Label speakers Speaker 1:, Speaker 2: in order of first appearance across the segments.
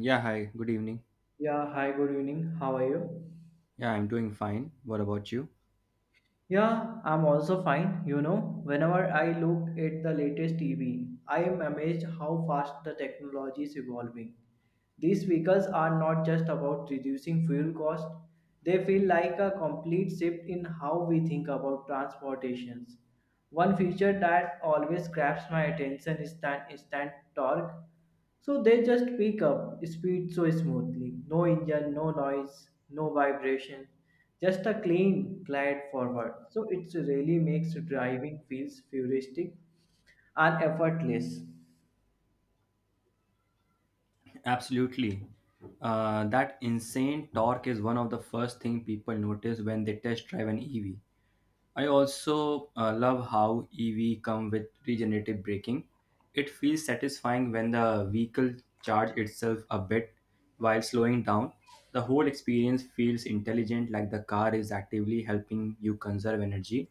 Speaker 1: Yeah, hi, good evening.
Speaker 2: Yeah, hi, good evening. How are you?
Speaker 1: Yeah, I'm doing fine. What about you?
Speaker 2: Yeah, I'm also fine. You know, whenever I look at the latest TV, I am amazed how fast the technology is evolving. These vehicles are not just about reducing fuel cost, they feel like a complete shift in how we think about transportations. One feature that always grabs my attention is that instant torque. So they just pick up speed so smoothly. No engine, no noise, no vibration. Just a clean glide forward. So it really makes driving feels futuristic and effortless.
Speaker 1: Absolutely. That insane torque is one of the first thing people notice when they test drive an EV. I also love how EV come with regenerative braking. It feels satisfying when the vehicle charges itself a bit while slowing down. The whole experience feels intelligent like the car is actively helping you conserve energy.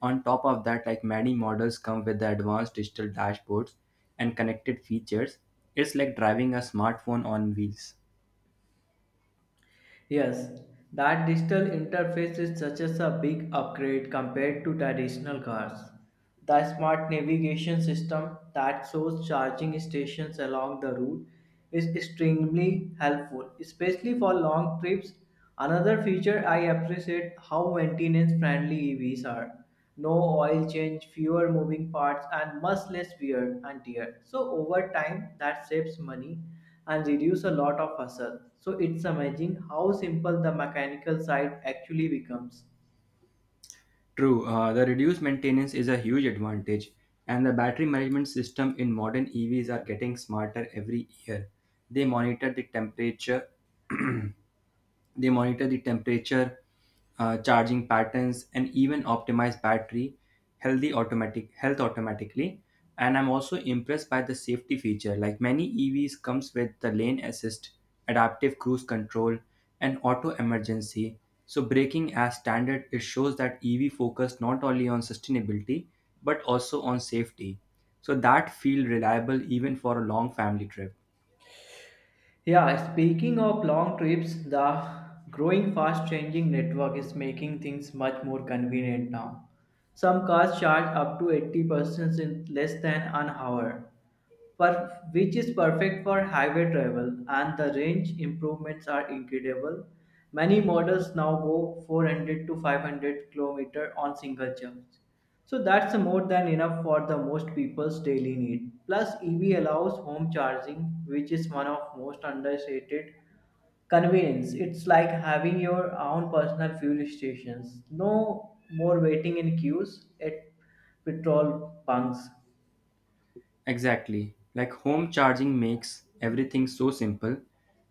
Speaker 1: On top of that, like many models come with the advanced digital dashboards and connected features. It's like driving a smartphone on wheels.
Speaker 2: Yes, that digital interface is such as a big upgrade compared to traditional cars. The smart navigation system that shows charging stations along the route is extremely helpful, especially for long trips. Another feature I appreciate how maintenance friendly EVs are no oil change, fewer moving parts, and much less wear and tear. So over time, that saves money and reduce a lot of hassle. So it's amazing how simple the mechanical side actually becomes.
Speaker 1: True, the reduced maintenance is a huge advantage, and the battery management system in modern EVs are getting smarter every year. They monitor the temperature, They monitor the temperature, charging patterns, and even optimize battery healthy automatic health automatically. And I'm also impressed by the safety feature. Like many EVs comes with the lane assist, adaptive cruise control, and auto emergency. So braking as standard, it shows that EV focus not only on sustainability but also on safety. So that feel reliable even for a long family trip.
Speaker 2: Yeah, speaking of long trips, the growing fast changing network is making things much more convenient now. Some cars charge up to 80% in less than an hour which is perfect for highway travel, and the range improvements are incredible. Many models now go 400 to 500 km on single charge. So that's more than enough for the most people's daily need. Plus, EV allows home charging, which is one of most understated convenience. It's like having your own personal fuel stations. No more waiting in queues at petrol bunks.
Speaker 1: Exactly. Like home charging makes everything so simple,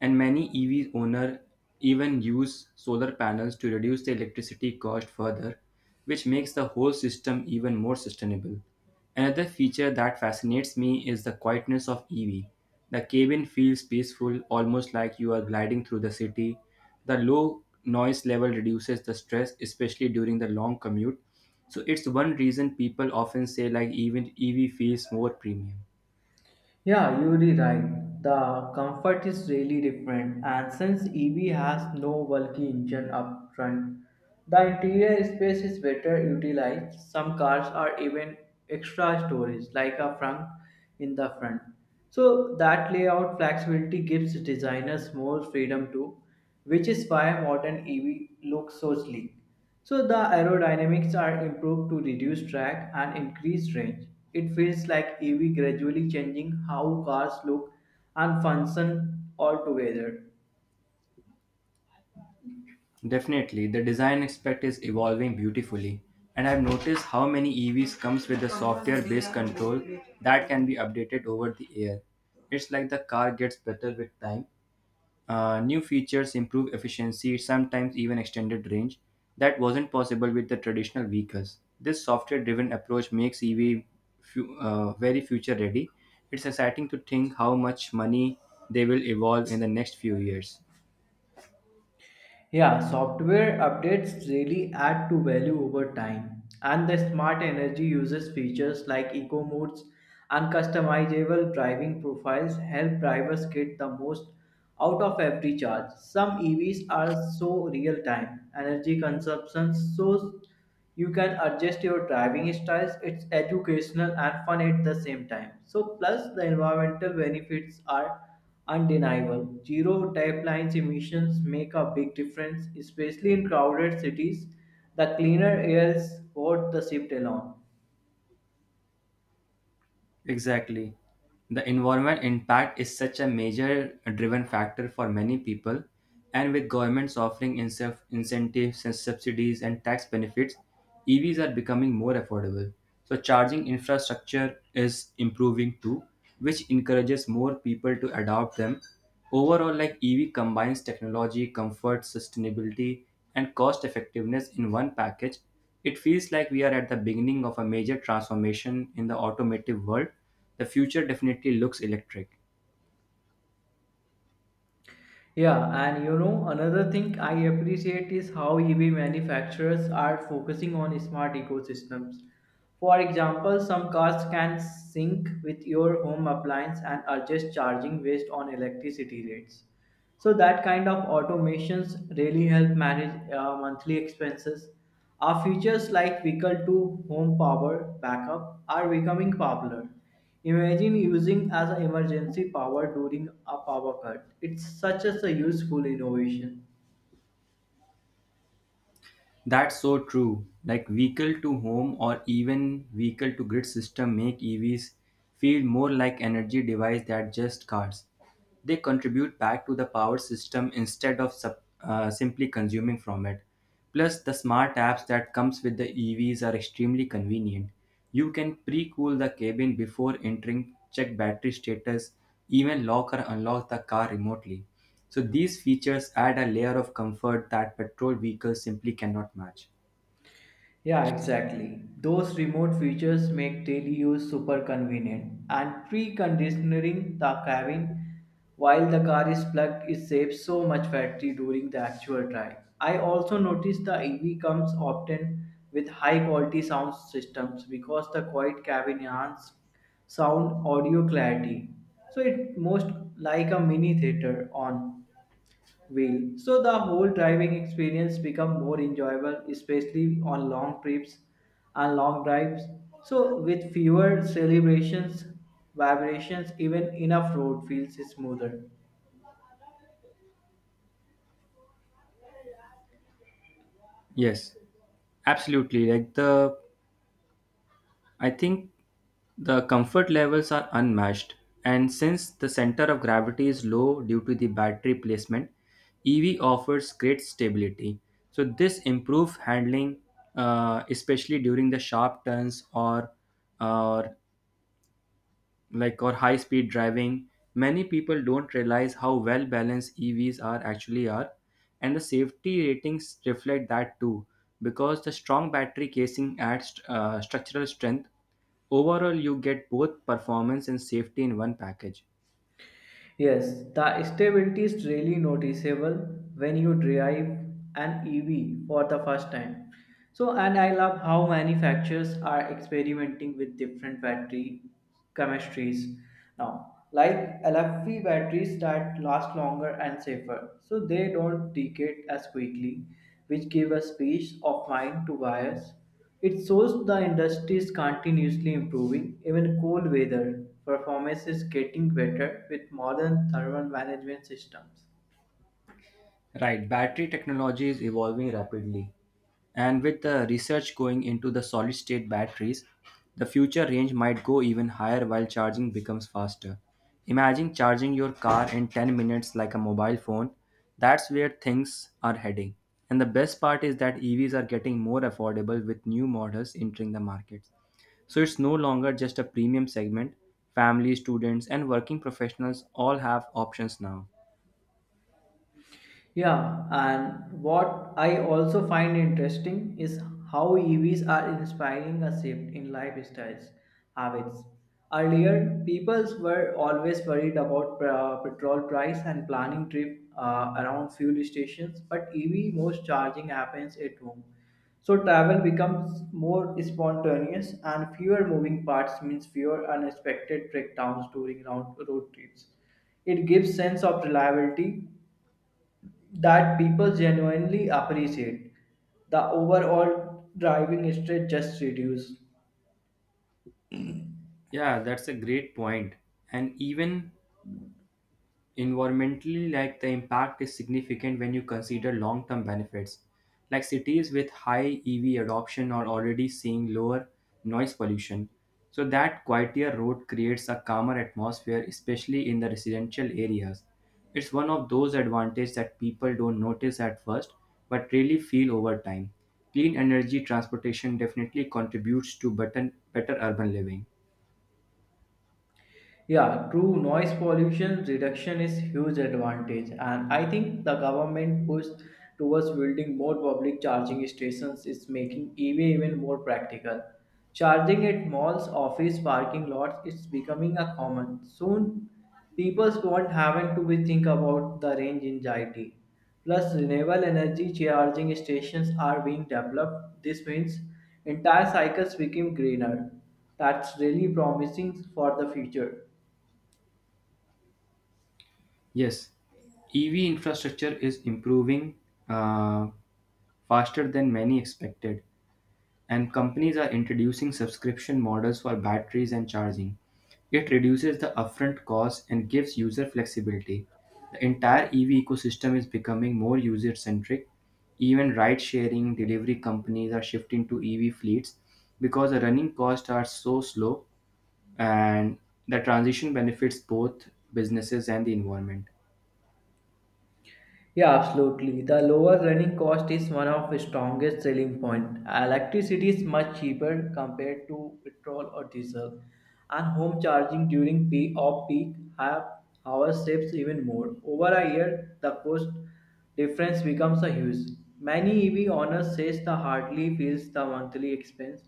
Speaker 1: and many EV owners even use solar panels to reduce the electricity cost further, which makes the whole system even more sustainable. Another feature that fascinates me is the quietness of EV. The cabin feels peaceful, almost like you are gliding through the city. The low noise level reduces the stress, especially during the long commute, so it's one reason people often say like even EV feels more premium.
Speaker 2: Yeah, you're right. The comfort is really different, and since EV has no bulky engine up front, the interior space is better utilized. Some cars are even extra storage, like a trunk in the front. So that layout flexibility gives designers more freedom too, which is why modern EV looks so sleek. So the aerodynamics are improved to reduce drag and increase range. It feels like EV gradually changing how cars look and function altogether.
Speaker 1: Definitely, the design aspect is evolving beautifully, and I've noticed how many EVs comes with a software-based control that can be updated over the air. It's like the car gets better with time. New features improve efficiency, sometimes even extended range, that wasn't possible with the traditional vehicles. This software driven approach makes EV very future ready. It's exciting to think how much money they will evolve in the next few years.
Speaker 2: Yeah, software updates really add to value over time. And the smart energy uses features like eco modes and customizable driving profiles help drivers get the most out of every charge. Some EVs are so real time energy consumption so you can adjust your driving styles. It's educational and fun at the same time. So plus the environmental benefits are undeniable. Zero type lines emissions make a big difference, especially in crowded cities. The cleaner air is worth the shift alone.
Speaker 1: Exactly. The environment impact is such a major driven factor for many people, and with governments offering incentives and subsidies and tax benefits, EVs are becoming more affordable. So, charging infrastructure is improving too, which encourages more people to adopt them. Overall, like EV combines technology, comfort, sustainability, and cost effectiveness in one package, it feels like we are at the beginning of a major transformation in the automotive world. The future definitely looks electric.
Speaker 2: Yeah, and you know, another thing I appreciate is how EV manufacturers are focusing on smart ecosystems. For example, some cars can sync with your home appliance and adjust charging based on electricity rates. So that kind of automations really help manage monthly expenses. Our features like vehicle to home power backup are becoming popular. Imagine using as an emergency power during a power cut. It's such as a useful innovation.
Speaker 1: That's so true. Like vehicle to home or even vehicle to grid system make EVs feel more like energy device than just cars. They contribute back to the power system instead of simply consuming from it. Plus, the smart apps that comes with the EVs are extremely convenient. You can pre-cool the cabin before entering, check battery status, even lock or unlock the car remotely. So these features add a layer of comfort that petrol vehicles simply cannot match.
Speaker 2: Yeah, exactly. Those remote features make daily use super convenient and preconditioning the cabin while the car is plugged it saves so much battery during the actual drive. I also noticed the EV comes often with high quality sound systems because the quiet cabin enhances sound audio clarity. So it most like a mini theater on wheel. So the whole driving experience become more enjoyable, especially on long trips and long drives. So with fewer celebrations, vibrations, even enough road feels smoother.
Speaker 1: Yes, absolutely. Like the I think the comfort levels are unmatched, and since the center of gravity is low due to the battery placement, EV offers great stability. So, this improves handling, especially during the sharp turns or or high speed driving. Many people don't realize how well balanced evs are actually are, and the safety ratings reflect that too because the strong battery casing adds structural strength. Overall you get both performance and safety in one package.
Speaker 2: Yes, the stability is really noticeable when you drive an EV for the first time. So, and I love how manufacturers are experimenting with different battery chemistries now, like LFP batteries that last longer and safer, so they don't degrade as quickly, which give a peace of mind to buyers. It shows the industry is continuously improving, even cold weather performance is getting better with modern thermal management systems.
Speaker 1: Right, battery technology is evolving rapidly. And with the research going into the solid state batteries, the future range might go even higher while charging becomes faster. Imagine charging your car in 10 minutes like a mobile phone. That's where things are heading. And the best part is that EVs are getting more affordable with new models entering the market. So it's no longer just a premium segment. Families, students, and working professionals all have options now.
Speaker 2: Yeah, and what I also find interesting is how EVs are inspiring a shift in lifestyles habits. Earlier, people were always worried about petrol price and planning trip around fuel stations, but EV most charging happens at home. So travel becomes more spontaneous and fewer moving parts means fewer unexpected breakdowns during round road trips. It gives sense of reliability that people genuinely appreciate. The overall driving stress just reduces.
Speaker 1: Yeah, that's a great point. And even environmentally, like the impact is significant when you consider long term benefits. Like cities with high EV adoption are already seeing lower noise pollution. So, that quieter road creates a calmer atmosphere, especially in the residential areas. It's one of those advantages that people don't notice at first, but really feel over time. Clean energy transportation definitely contributes to better urban living.
Speaker 2: Yeah, true noise pollution reduction is huge advantage and I think the government push towards building more public charging stations is making EV even more practical. Charging at malls, office, parking lots is becoming a common. Soon people won't having to be think about the range anxiety. Plus renewable energy charging stations are being developed. This means entire cycles become greener. That's really promising for the future.
Speaker 1: Yes, EV infrastructure is improving uh, faster than many expected, and companies are introducing subscription models for batteries and charging. It reduces the upfront cost and gives user flexibility. The entire EV ecosystem is becoming more user centric. Even ride sharing delivery companies are shifting to EV fleets because the running costs are so slow and the transition benefits both businesses and the environment.
Speaker 2: Yeah, absolutely. The lower running cost is one of the strongest selling point. Electricity is much cheaper compared to petrol or diesel, and home charging during peak off-peak have hour saves even more. Over a year, the cost difference becomes a huge. Many EV owners says the hardly feels the monthly expense,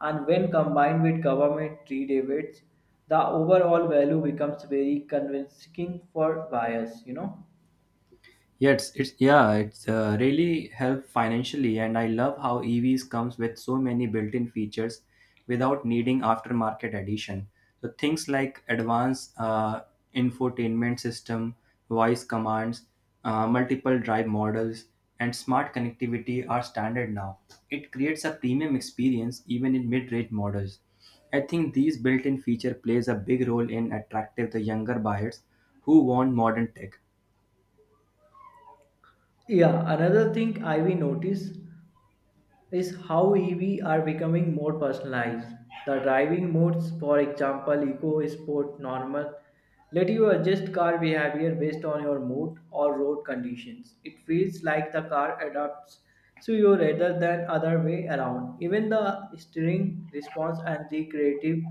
Speaker 2: and when combined with government rebates, the overall value becomes very convincing for buyers. You know.
Speaker 1: It's really help financially, and I love how EVs comes with so many built-in features without needing aftermarket addition. So things like advanced infotainment system, voice commands, multiple drive models, and smart connectivity are standard now. It creates a premium experience even in mid-range models. I think these built-in feature plays a big role in attractive the younger buyers who want modern tech,
Speaker 2: Yeah, another thing I we notice is how EV are becoming more personalized. The driving modes, for example, eco, sport, normal, let you adjust car behavior based on your mood or road conditions. It feels like the car adapts to you rather than other way around. Even the steering response and the creative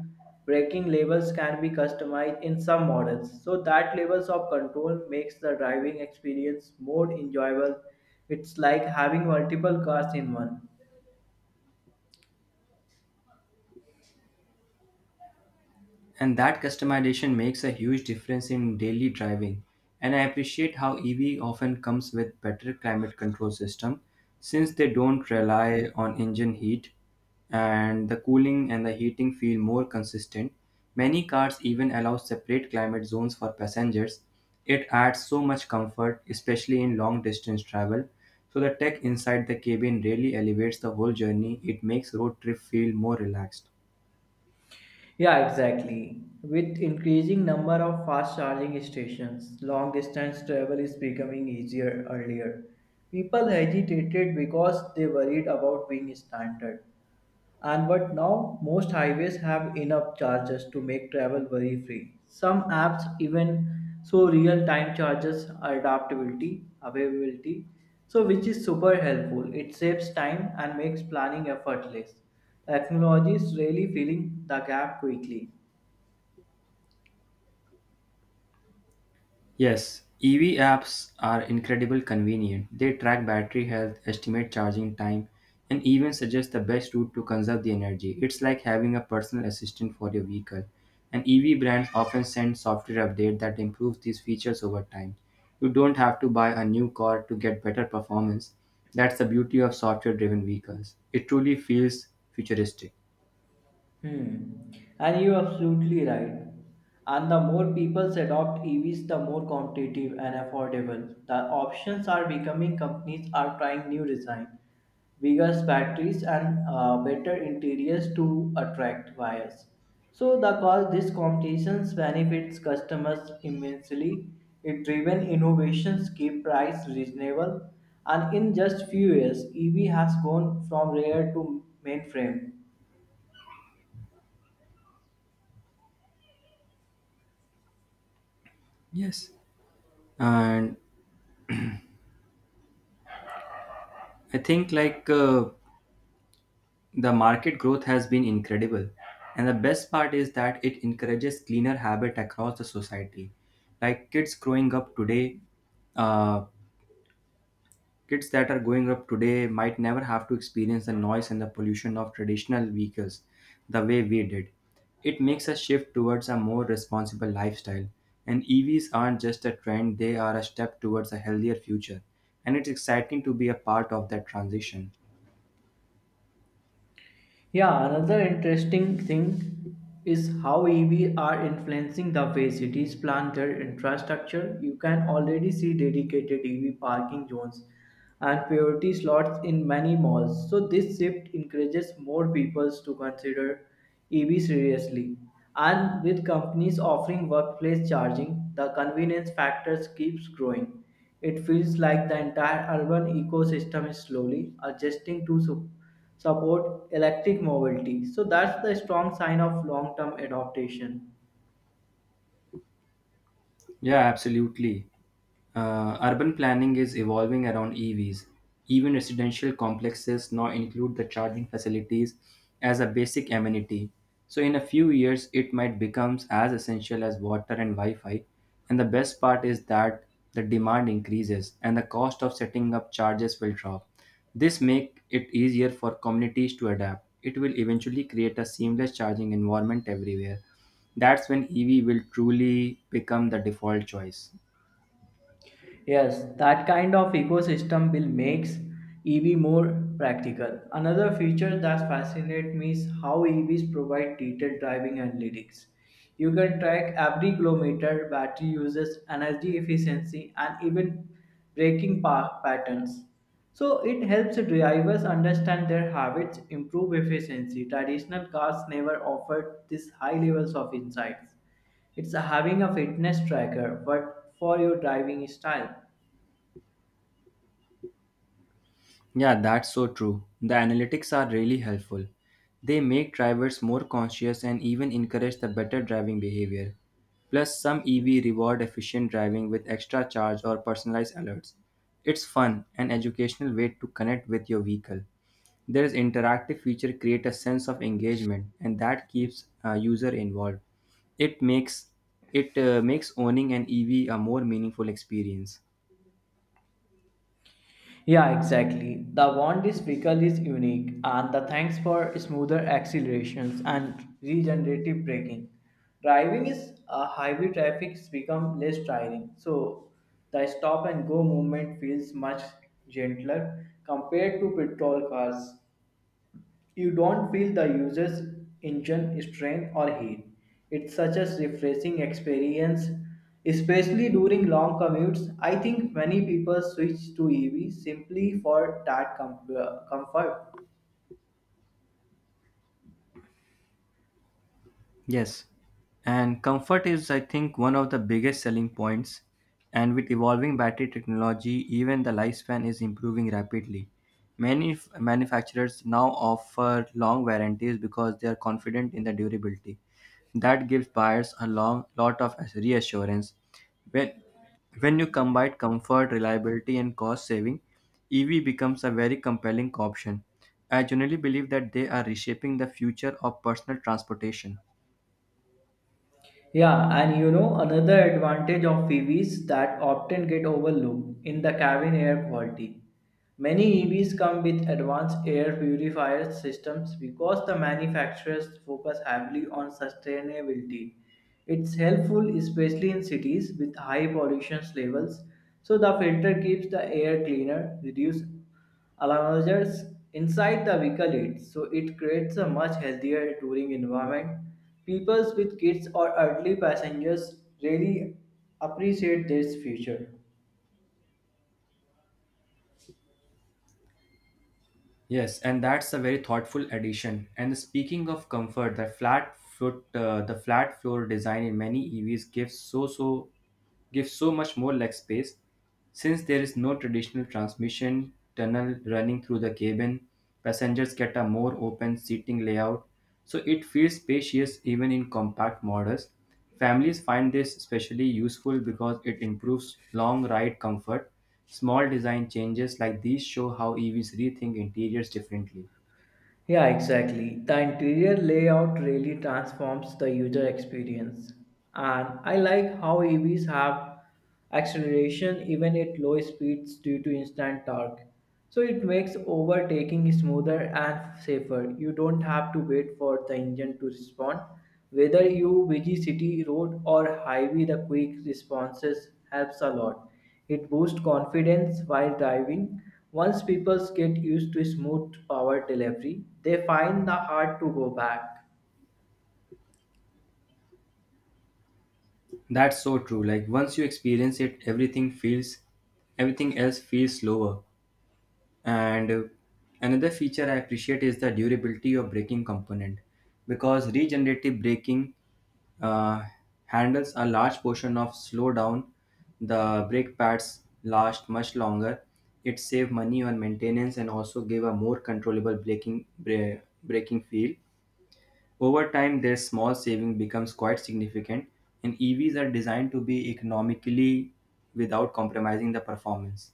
Speaker 2: braking levels can be customized in some models. So that levels of control makes the driving experience more enjoyable. It's like having multiple cars in one.
Speaker 1: and that customization makes a huge difference in daily driving. And I appreciate how ev often comes with better climate control system since they don't rely on engine heat, and the cooling and the heating feel more consistent. Many cars even allow separate climate zones for passengers. It adds so much comfort, especially in long distance travel, so the tech inside the cabin really elevates the whole journey. It makes road trip feel more relaxed.
Speaker 2: Yeah, exactly. With increasing number of fast charging stations, long distance travel is becoming easier earlier. People hesitated because they worried about being stranded. And but now most highways have enough charges to make travel worry free. Some apps even show real time charges adaptability, availability, so which is super helpful. It saves time and makes planning effortless. Technology is really filling the gap quickly.
Speaker 1: Yes, EV apps are incredibly convenient. They track battery health, estimate charging time, and even suggest the best route to conserve the energy. It's like having a personal assistant for your vehicle. And EV brands often send software updates that improve these features over time. You don't have to buy a new car to get better performance. That's the beauty of software driven vehicles. It truly feels futuristic.
Speaker 2: Hmm. And you're absolutely right. And the more people adopt EVs, the more competitive and affordable. The options are becoming companies are trying new design, bigger batteries and better interiors to attract buyers. So the cause this competition benefits customers immensely. It driven innovations keep price reasonable and in just few years EV has gone from rare to mainframe.
Speaker 1: Yes. And I think like The market growth has been incredible, and the best part is that it encourages cleaner habit across the society. Like kids growing up today, uh, kids that are growing up today might never have to experience the noise and the pollution of traditional vehicles the way we did. It makes a shift towards a more responsible lifestyle, and EVs aren't just a trend; they are a step towards a healthier future, and it's exciting to be a part of that transition.
Speaker 2: Yeah, another interesting thing is how EV are influencing the way cities plan their infrastructure. You can already see dedicated EV parking zones and priority slots in many malls. So this shift encourages more people to consider EV seriously. And with companies offering workplace charging, the convenience factors keeps growing. It feels like the entire urban ecosystem is slowly adjusting to support electric mobility. So that's the strong sign of long-term adaptation.
Speaker 1: Yeah, absolutely. Urban planning is evolving around EVs. Even residential complexes now include the charging facilities as a basic amenity. So, in a few years, it might become as essential as water and Wi Fi. And the best part is that the demand increases and the cost of setting up charges will drop. This make it easier for communities to adapt. It will eventually create a seamless charging environment everywhere. That's when EV will truly become the default choice.
Speaker 2: Yes, that kind of ecosystem will makes EV more practical. Another feature that fascinates me is how EVs provide detailed driving analytics. You can track every kilometer, battery uses, energy efficiency, and even braking patterns. So it helps drivers understand their habits, improve efficiency. Traditional cars never offered these high levels of insights. It's having a fitness tracker, but for your driving style.
Speaker 1: Yeah, that's so true. The analytics are really helpful. They make drivers more conscious and even encourage the better driving behavior. Plus, some EV reward efficient driving with extra charge or personalized alerts. It's fun and educational way to connect with your vehicle. There's interactive feature create a sense of engagement and that keeps a user involved. It makes it makes owning an EV a more meaningful experience.
Speaker 2: Yeah, exactly. The want this vehicle is unique, and the thanks for smoother accelerations and regenerative braking. Driving is a highway traffic has become less tiring, so the stop and go movement feels much gentler compared to petrol cars. You don't feel the user's engine strain or heat. It's such a refreshing experience, especially during long commutes. I think many people switch to EV simply for that comfort.
Speaker 1: Yes, and comfort is, I think, one of the biggest selling points. And with evolving battery technology, even the lifespan is improving rapidly. Many manufacturers now offer long warranties because they are confident in the durability. That gives buyers a long lot of reassurance. When when you combine comfort, reliability, and cost saving, EV becomes a very compelling option. I generally believe that they are reshaping the future of personal transportation.
Speaker 2: Yeah, and you know, another advantage of EVs that often get overlooked in the cabin air quality. Many EVs come with advanced air purifier systems because the manufacturers focus heavily on sustainability. It's helpful especially in cities with high pollution levels, so the filter keeps the air cleaner, reduce allowances inside the vehicle it so it creates a much healthier touring environment people with kids or elderly passengers really appreciate this feature.
Speaker 1: Yes, and that's a very thoughtful addition. And speaking of comfort, the flat floor design in many EVs gives gives so much more leg space, since there is no traditional transmission tunnel running through the cabin. Passengers get a more open seating layout, so it feels spacious even in compact models. Families find this especially useful because it improves long ride comfort. Small design changes like these show how EVs rethink interiors differently.
Speaker 2: Yeah, exactly. The interior layout really transforms the user experience. And I like how EVs have acceleration even at low speeds due to instant torque. So it makes overtaking smoother and safer. You don't have to wait for the engine to respond. Whether you busy city road or highway, the quick responses helps a lot. It boosts confidence while driving. Once people get used to smooth power delivery, they find the hard to go back.
Speaker 1: That's so true. Like once you experience it, everything else feels slower. And another feature I appreciate is the durability of braking component because regenerative braking uh, handles a large portion of slowdown. The brake pads last much longer. It save money on maintenance and also give a more controllable braking feel. Over time, their small saving becomes quite significant, and EVs are designed to be economically without compromising the performance.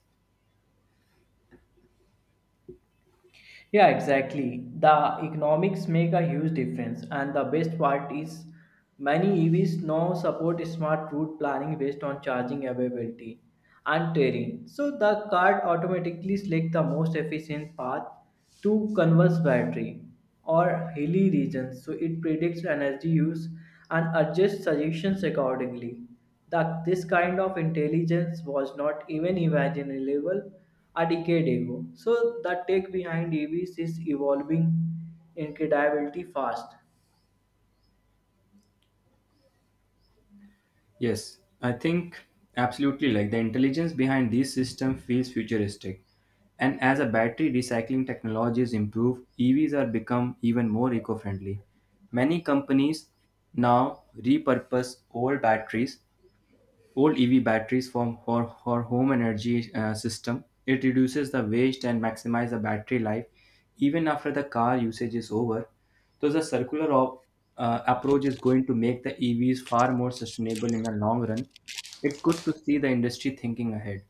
Speaker 2: Yeah, exactly. The economics make a huge difference, and the best part is many EVs now support smart route planning based on charging availability and terrain. So the car automatically selects the most efficient path to converse battery or hilly regions. So it predicts energy use and adjusts suggestions accordingly that this kind of intelligence was not even imaginable a decade ago. So the tech behind EVs is evolving incredibly fast,
Speaker 1: Yes, I think absolutely like the intelligence behind this system feels futuristic. And as a battery recycling technologies improve, EVs are become even more eco-friendly. Many companies now repurpose old EV batteries for home energy system. It reduces the waste and maximizes the battery life even after the car usage is over. So the approach is going to make the EVs far more sustainable in the long run. It's good to see the industry thinking ahead.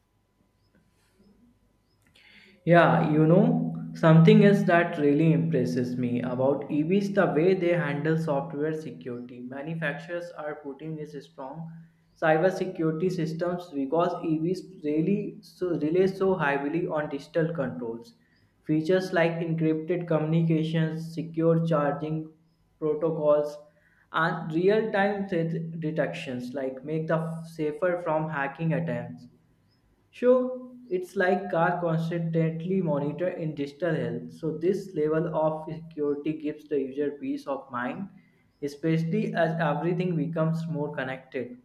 Speaker 2: Yeah, you know, something else that really impresses me about EVs the way they handle software security. Manufacturers are putting this strong cybersecurity systems because EVs really so rely so heavily on digital controls. Features like encrypted communications, secure charging protocols, and real-time threat detections like make the safer from hacking attempts. Sure, it's like car constantly monitor in digital health. So this level of security gives the user peace of mind, especially as everything becomes more connected.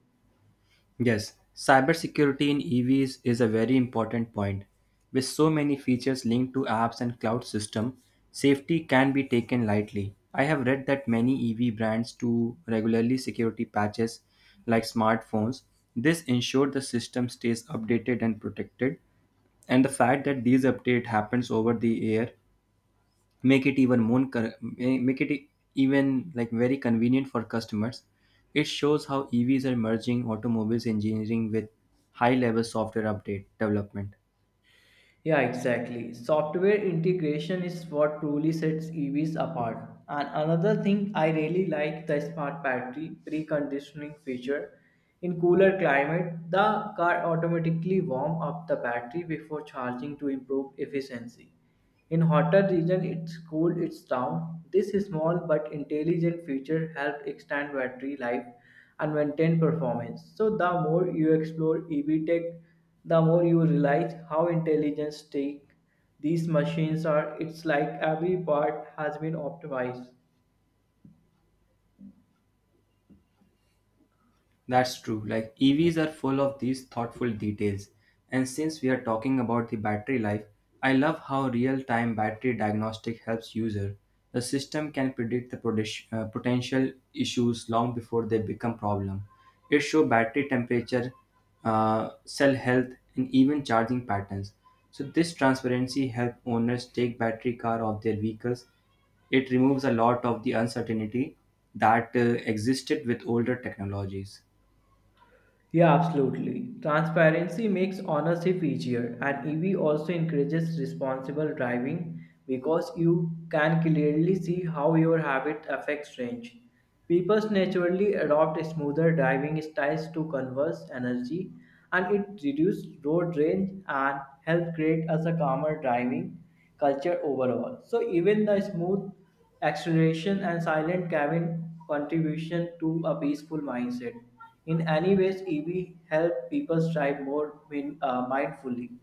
Speaker 1: Yes, cybersecurity in EVs is a very important point. With so many features linked to apps and cloud system, safety can be taken lightly. I have read that many EV brands do regularly security patches like smartphones. This ensures the system stays updated and protected, and the fact that these update happens over the air make even like very convenient for customers. It shows how evs are merging automobiles engineering with high level software update development.
Speaker 2: Yeah, exactly. Software integration is what truly sets EVs apart. And another thing I really like the smart battery preconditioning feature. In cooler climate, the car automatically warm up the battery before charging to improve efficiency. In hotter region, it cools its down. This small but intelligent feature helps extend battery life and maintain performance. So the more you explore EV tech, the more you realize how intelligent tech these machines are. It's like every part has been optimized.
Speaker 1: That's true. Like EVs are full of these thoughtful details. And since we are talking about the battery life, I love how real-time battery diagnostic helps user. The system can predict the potential issues long before they become problem. It show battery temperature, uh, cell health, and even charging patterns. So this transparency help owners take battery care of their vehicles. It removes a lot of the uncertainty that existed with older technologies.
Speaker 2: Yeah, absolutely. Transparency makes ownership easier, and EV also encourages responsible driving because you can clearly see how your habit affects range. People naturally adopt smoother driving styles to conserve energy, and it reduces road rage and help create us a calmer driving culture overall. So even the smooth acceleration and silent cabin contribution to a peaceful mindset in any ways, EV help people strive more mindfully.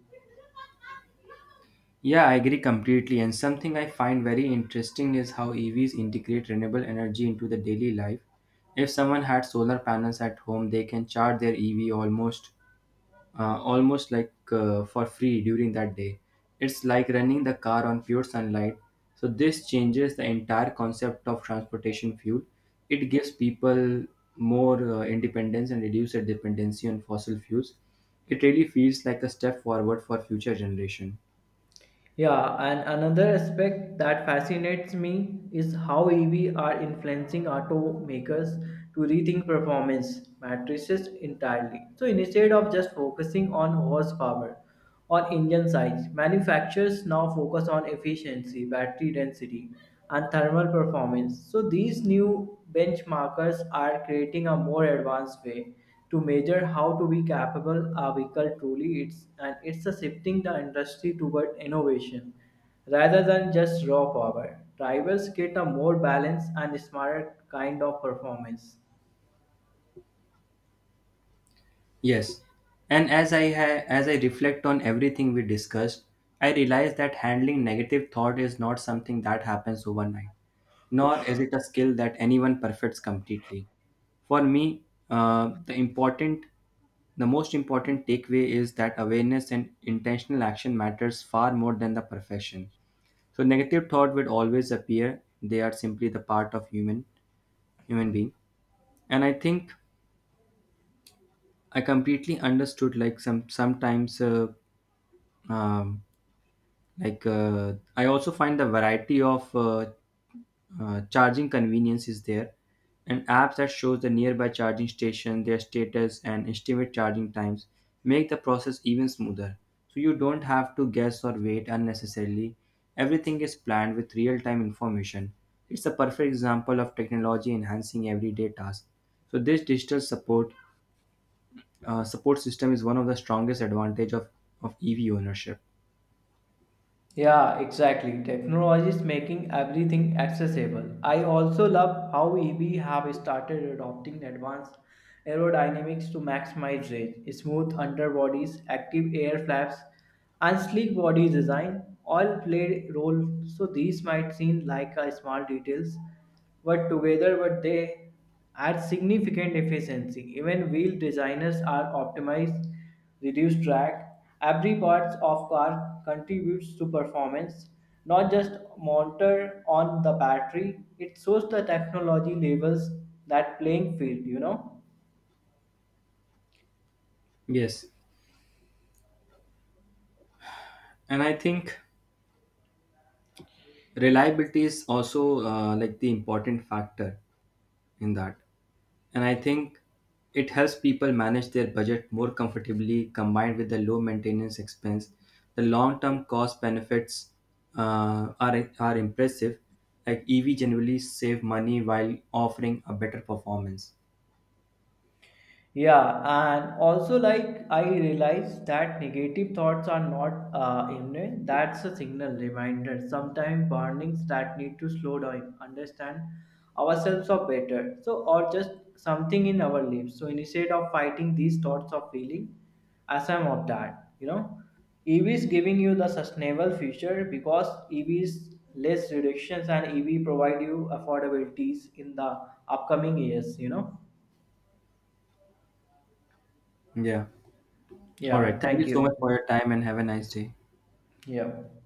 Speaker 1: Yeah, I agree completely. And something I find very interesting is how EVs integrate renewable energy into the daily life. If someone had solar panels at home, they can charge their EV almost like for free during that day. It's like running the car on pure sunlight. So this changes the entire concept of transportation fuel. It gives people more independence and reduces their dependency on fossil fuels. It really feels like a step forward for future generation.
Speaker 2: Yeah, and another aspect that fascinates me is how EV are influencing automakers to rethink performance matrices entirely. So instead of just focusing on horsepower or engine size, manufacturers now focus on efficiency, battery density, and thermal performance. So these new benchmarkers are creating a more advanced way to measure how to be capable a vehicle truly is and it's a shifting the industry toward innovation rather than just raw power drivers get a more balanced and smarter kind of performance.
Speaker 1: Yes. And as I reflect on everything we discussed, I realize that handling negative thought is not something that happens overnight, nor is it a skill that anyone perfects completely. For me, uh, the important the most important takeaway is that awareness and intentional action matters far more than the perfection. So negative thought will always appear. They are simply the part of human being. And I think I completely understood like some sometimes um, like I also find the variety of charging convenience is there, and apps that shows the nearby charging station, their status and estimate charging times make the process even smoother. So you don't have to guess or wait unnecessarily. Everything is planned with real-time information. It's a perfect example of technology enhancing everyday tasks. So this digital support support system is one of the strongest advantage of ev ownership.
Speaker 2: Yeah, exactly. Technology is making everything accessible. I also love how EV have started adopting advanced aerodynamics to maximize range, smooth underbodies, active air flaps, and sleek body design all played role. So these might seem like a small details, but together what they add significant efficiency. Even wheel designers are optimized reduced drag. Every part of car contributes to performance, not just motor on the battery. It shows the technology levels that playing field, you know.
Speaker 1: Yes. And I think reliability is also like the important factor in that. And I think it helps people manage their budget more comfortably. Combined with the low maintenance expense, the long term cost benefits are impressive. Like ev generally save money while offering a better performance.
Speaker 2: Yeah, and also like I realize that negative thoughts are not imminent. That's a signal reminder. Sometimes warnings that need to slow down, understand ourselves or better. So or just something in our lives. So instead of fighting these thoughts of feeling, I am of that. You know, EV is giving you the sustainable future because EV is less reductions and EV provide you affordabilities in the upcoming years. You know.
Speaker 1: Yeah, all
Speaker 2: Yeah.
Speaker 1: right, thank you
Speaker 2: Thank
Speaker 1: so
Speaker 2: you.
Speaker 1: much for your time and have a nice day.
Speaker 2: Yeah.